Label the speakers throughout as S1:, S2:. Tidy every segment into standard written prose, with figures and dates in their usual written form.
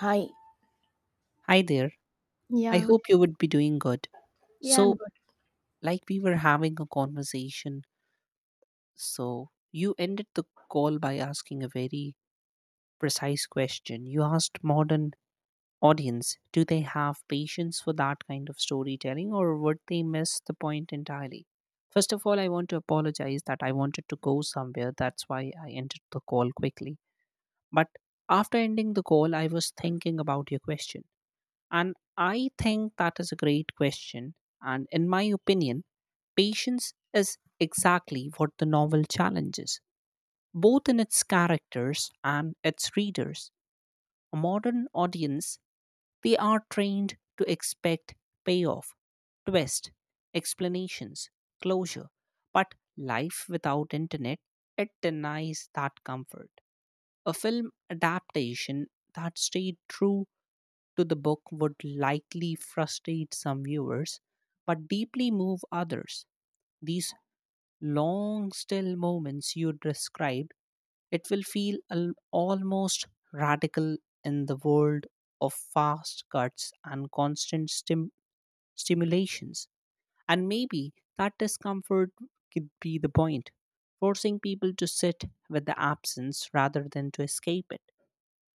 S1: Hi.
S2: Hi there. I
S1: Yeah,
S2: hope you would be doing good.
S1: yeah, I'm
S2: So,
S1: good.
S2: like we were having a conversation, so you ended the call by asking a very precise question. You asked modern audience, do they have patience for that kind of storytelling or would they miss the point entirely? First of all, I want to apologize that I wanted to go somewhere. That's why I ended the call quickly. But after ending the call, I was thinking about your question. And I think that is a great question. And in my opinion, patience is exactly what the novel challenges, both in its characters and its readers. A modern audience, they are trained to expect payoff, twist, explanations, closure. But life without internet, it denies that comfort. A film adaptation that stayed true to the book would likely frustrate some viewers, but deeply move others. These long, still moments you described, it will feel almost radical in the world of fast cuts and constant stimulations. And maybe that discomfort could be the point, forcing people to sit with the absence rather than to escape it.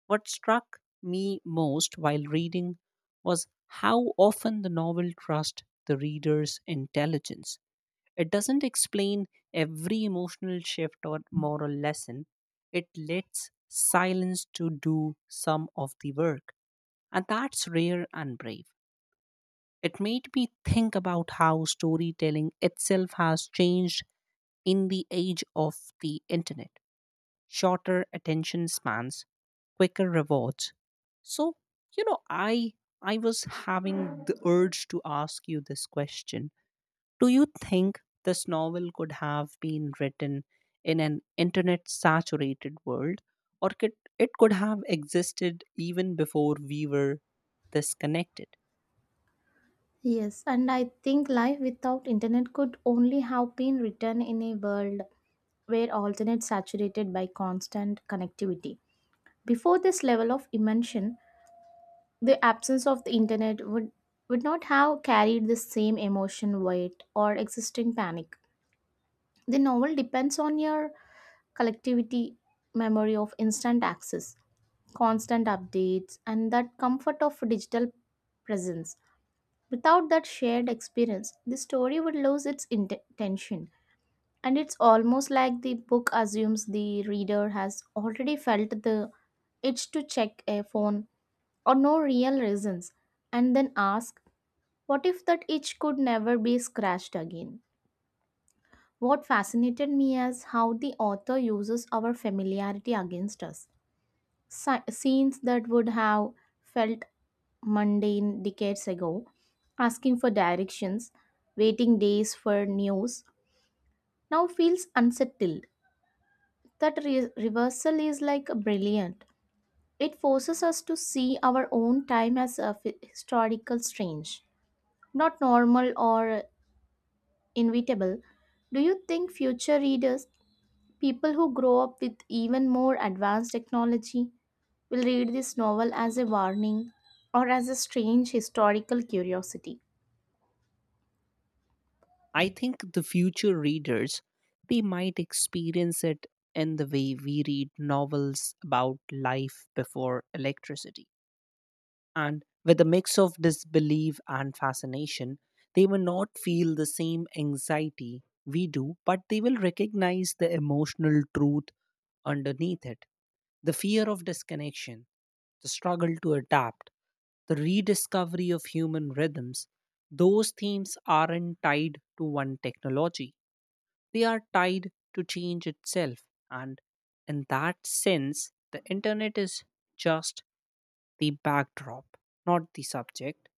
S2: What struck me most while reading was how often the novel trusts the reader's intelligence. It doesn't explain every emotional shift or moral lesson, it lets silence to do some of the work. And that's rare and brave. It made me think about how storytelling itself has changed in the age of the internet, shorter attention spans, quicker rewards. So, you know, I I was having the urge to ask you this question. Do you think this novel could have been written in an internet saturated world or could it could have existed even before we were this connected?
S1: Yes, and I think life without internet could only have been written in a world where alternate saturated by constant connectivity. Before this level of immersion, the absence of the internet would not have carried the same emotion weight or existing panic. The novel depends on your collectivity memory of instant access, constant updates, and that comfort of digital presence. Without that shared experience, the story would lose its intention. And it's almost like the book assumes the reader has already felt the itch to check a phone or no real reasons, and then ask, what if that itch could never be scratched again? What fascinated me is how the author uses our familiarity against us, scenes that would have felt mundane decades ago, asking for directions, waiting days for news, now feels unsettled. That reversal is like brilliant. It forces us to see our own time as a historical strange, not normal or inevitable. Do you think future readers, people who grow up with even more advanced technology, will read this novel as a warning or as a strange historical curiosity?
S2: I think the future readers they might experience it in the way we read novels about life before electricity, and with a mix of disbelief and fascination, they may not feel the same anxiety we do, but they will recognize the emotional truth underneath it, the fear of disconnection, the struggle to adapt, the rediscovery of human rhythms. Those themes aren't tied to one technology, they are tied to change itself. And in that sense, the internet is just the backdrop, not the subject.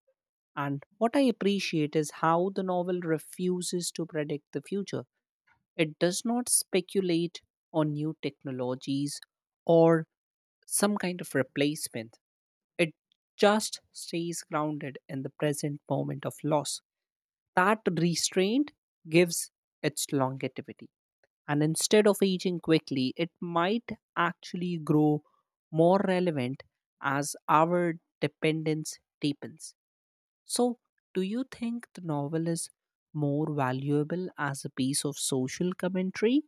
S2: And what I appreciate is how the novel refuses to predict the future. It does not speculate on new technologies or some kind of replacement. It just stays grounded in the present moment of loss. That restraint gives its longevity. And instead of aging quickly, it might actually grow more relevant as our dependence deepens. So, do you think the novel is more valuable as a piece of social commentary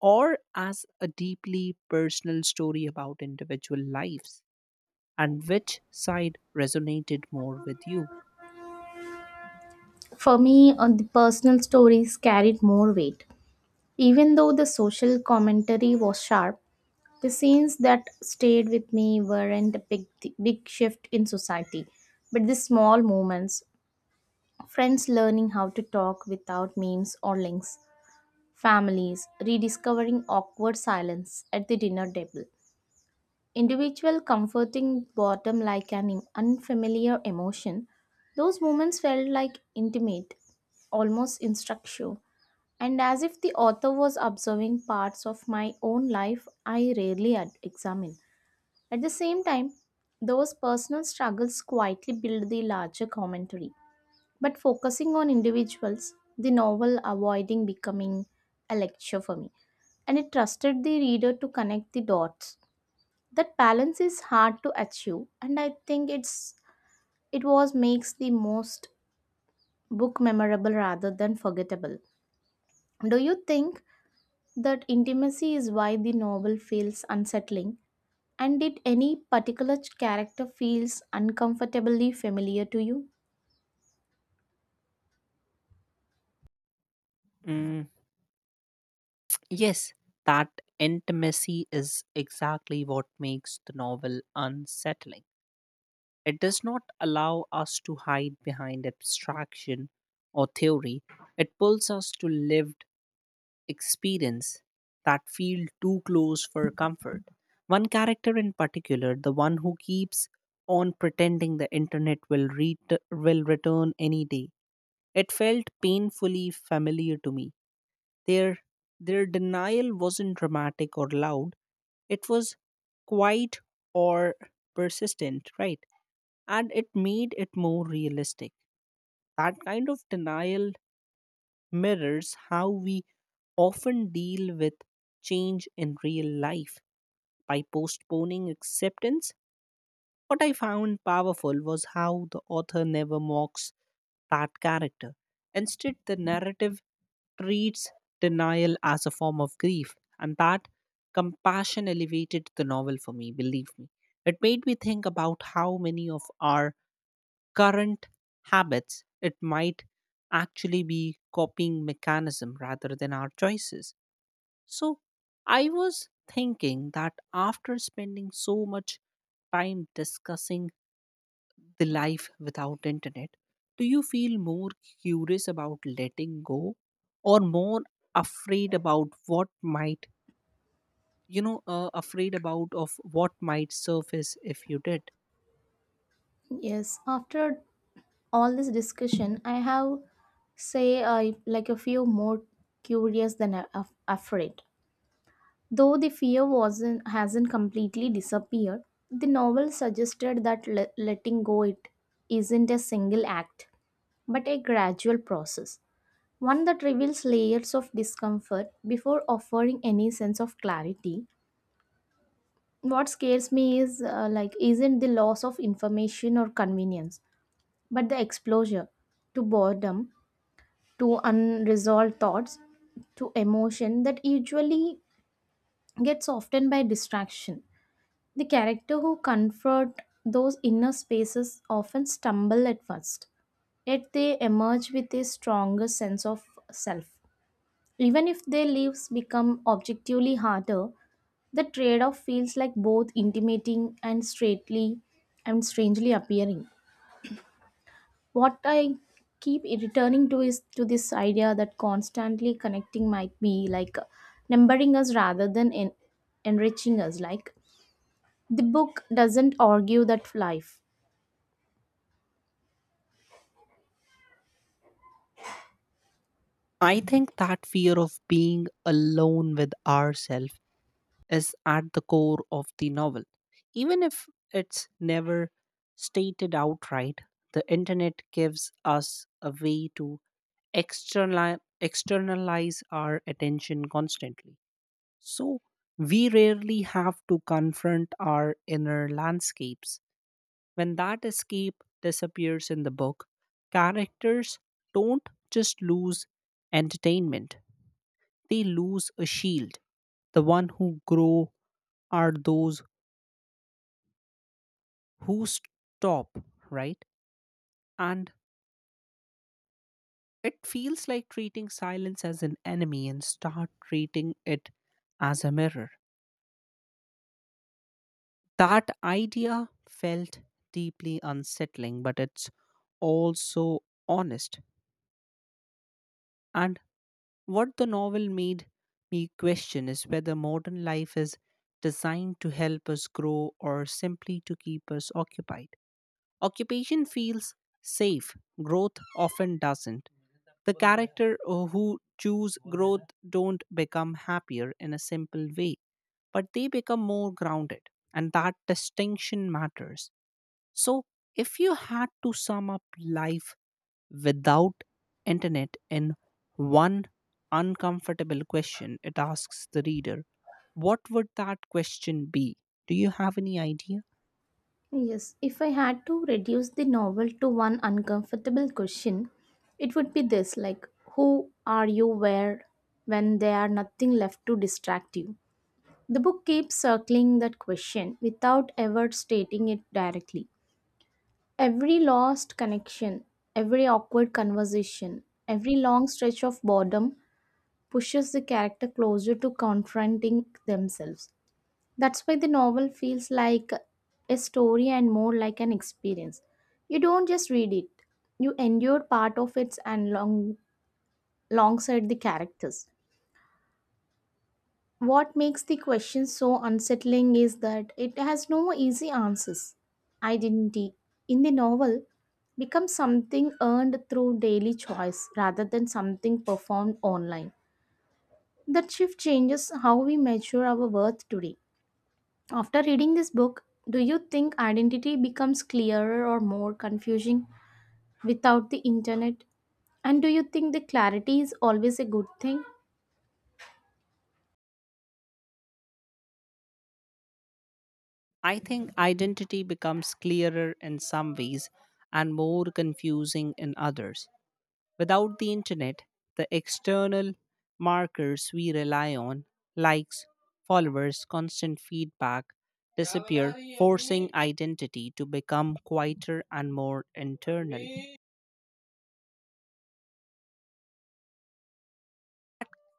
S2: or as a deeply personal story about individual lives? And which side resonated more with you?
S1: For me, the personal stories carried more weight. Even though the social commentary was sharp, the scenes that stayed with me weren't a big, big shift in society, but the small moments, friends learning how to talk without memes or links, families rediscovering awkward silence at the dinner table, individual comforting bottom like an unfamiliar emotion. Those moments felt like intimate, almost instructive, and as if the author was observing parts of my own life I rarely examine. At the same time, those personal struggles quietly build the larger commentary. But focusing on individuals, the novel avoiding becoming a lecture for me, and it trusted the reader to connect the dots. That balance is hard to achieve and I think it's it was makes the most book memorable rather than forgettable. Do you think that intimacy is why the novel feels unsettling, and did any particular character feels uncomfortably familiar to you?
S2: Mm, yes, that intimacy is exactly what makes the novel unsettling. It does not allow us to hide behind abstraction or theory, it pulls us to lived experience that feel too close for comfort. One character in particular, the one who keeps on pretending the internet will will return any day. It felt painfully familiar to me. Their their denial wasn't dramatic or loud. It was quiet or persistent, right? And it made it more realistic. That kind of denial mirrors how we often deal with change in real life by postponing acceptance. What I found powerful was how the author never mocks that character. Instead, the narrative treats denial as a form of grief, and that compassion elevated the novel for me, believe me. It made me think about how many of our current habits, it might actually be copying mechanism rather than our choices. So I was thinking that after spending so much time discussing the life without internet, do you feel more curious about letting go or more afraid about what might afraid about of what might surface if you did?
S1: Yes, after all this discussion I have say I like a few more curious than afraid. Though the fear wasn't hasn't completely disappeared, the novel suggested that letting go it isn't a single act, but a gradual process, one that reveals layers of discomfort before offering any sense of clarity. What scares me is, like, isn't the loss of information or convenience, but the exposure to boredom, to unresolved thoughts, to emotion that usually gets softened by distraction. The character who confront those inner spaces often stumble at first, yet they emerge with a stronger sense of self. Even if their lives become objectively harder, the trade off feels like both intimating and straightly and strangely appearing. What I keep returning to is to this idea that constantly connecting might be like numbering us rather than enriching us. Like, the book doesn't argue that life.
S2: I think that fear of being alone with ourselves is at the core of the novel. Even if it's never stated outright, the internet gives us a way to externalize our attention constantly. So we rarely have to confront our inner landscapes. When that escape disappears in the book, characters don't just lose entertainment, they lose a shield, the one who grow are those who stop, right? And it feels like treating silence as an enemy and start treating it as a mirror. That idea felt deeply unsettling, but it's also honest. And what the novel made me question is whether modern life is designed to help us grow or simply to keep us occupied. Occupation feels safe, growth often doesn't. The character who choose growth don't become happier in a simple way, but they become more grounded, and that distinction matters. So, if you had to sum up life without internet in one uncomfortable question, it asks the reader, what would that question be? Do you have any idea?
S1: Yes, if I had to reduce the novel to one uncomfortable question, it would be this, like, who are you where when there are nothing left to distract you? The book keeps circling that question without ever stating it directly. Every lost connection, every awkward conversation, every long stretch of boredom pushes the character closer to confronting themselves. That's why the novel feels like a story and more like an experience. You don't just read it, you endure part of it and long, alongside the characters. What makes the question so unsettling is that it has no easy answers. Identity in the novel becomes something earned through daily choice rather than something performed online. That shift changes how we measure our worth today. After reading this book, do you think identity becomes clearer or more confusing without the internet? And do you think the clarity is always a good thing?
S2: I think identity becomes clearer in some ways and more confusing in others. Without the internet, the external markers we rely on, likes, followers, constant feedback, disappear, forcing identity to become quieter and more internal.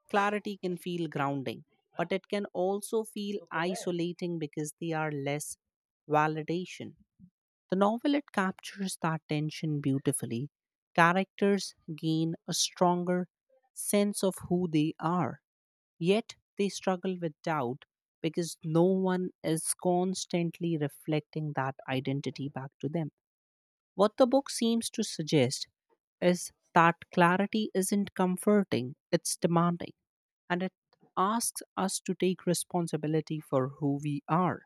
S2: Clarity can feel grounding, but it can also feel isolating because they are less validation. The novel it captures that tension beautifully. Characters gain a stronger sense of who they are, yet they struggle with doubt because no one is constantly reflecting that identity back to them. What the book seems to suggest is that clarity isn't comforting, it's demanding, and it asks us to take responsibility for who we are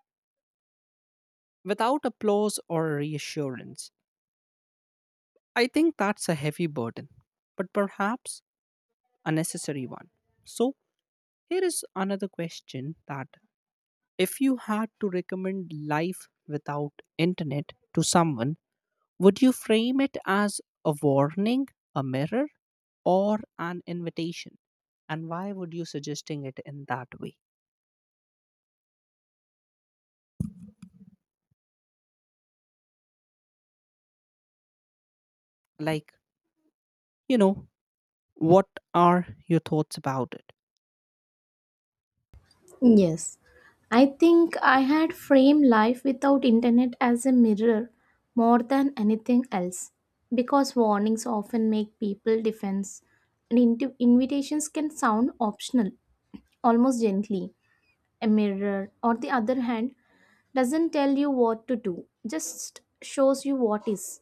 S2: without applause or reassurance. I think that's a heavy burden, but perhaps a necessary one. So, here is another question that if you had to recommend life without internet to someone, would you frame it as a warning, a mirror, or an invitation? And why would you suggesting it in that way? Like, you know, what are your thoughts about it?
S1: Yes. I think I had framed life without internet as a mirror more than anything else because warnings often make people defense and invitations can sound optional, almost gently. A mirror, on the other hand, doesn't tell you what to do, just shows you what is.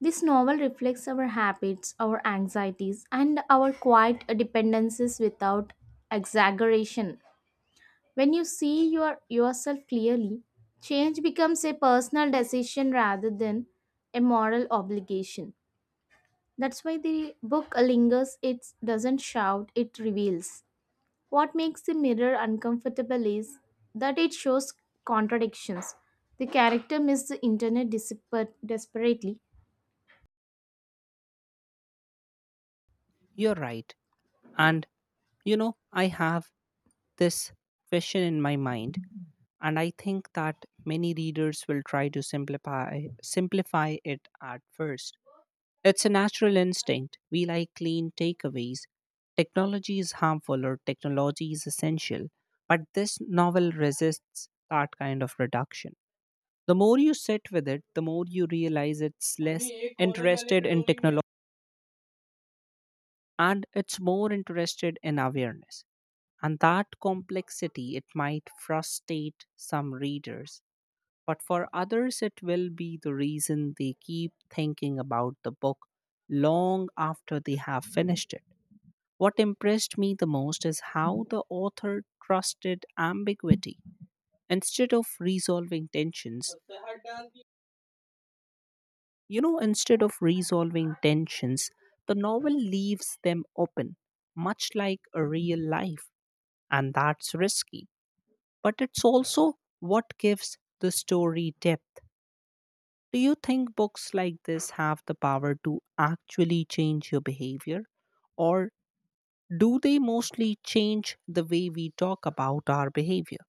S1: This novel reflects our habits, our anxieties, and our quiet dependencies without exaggeration. When you see yourself clearly, change becomes a personal decision rather than a moral obligation. That's why the book lingers, it doesn't shout, it reveals. What makes the mirror uncomfortable is that it shows contradictions. The character misses the internet desperately.
S2: You're right. And I have this question in my mind, and I think that many readers will try to simplify it at first. It's a natural instinct. We like clean takeaways. Technology is harmful or technology is essential, but this novel resists that kind of reduction. The more you sit with it, the more you realize it's less interested in technology and it's more interested in awareness. And that complexity, it might frustrate some readers, but for others, it will be the reason they keep thinking about the book long after they have finished it. What impressed me the most is how the author trusted ambiguity instead of resolving tensions. Instead of resolving tensions, the novel leaves them open, much like a real life, and that's risky. But it's also what gives the story depth. Do you think books like this have the power to actually change your behavior? Or do they mostly change the way we talk about our behavior?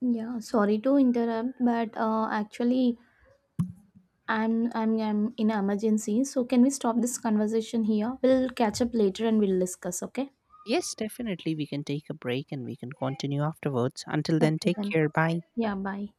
S1: Yeah, sorry to interrupt, but actually, I'm in emergency. So can we stop this conversation here? We'll catch up later and we'll discuss. Okay.
S2: Yes, definitely. We can take a break and we can continue afterwards. Until then,
S1: Okay
S2: take
S1: then.
S2: care. Bye.
S1: Yeah. Bye.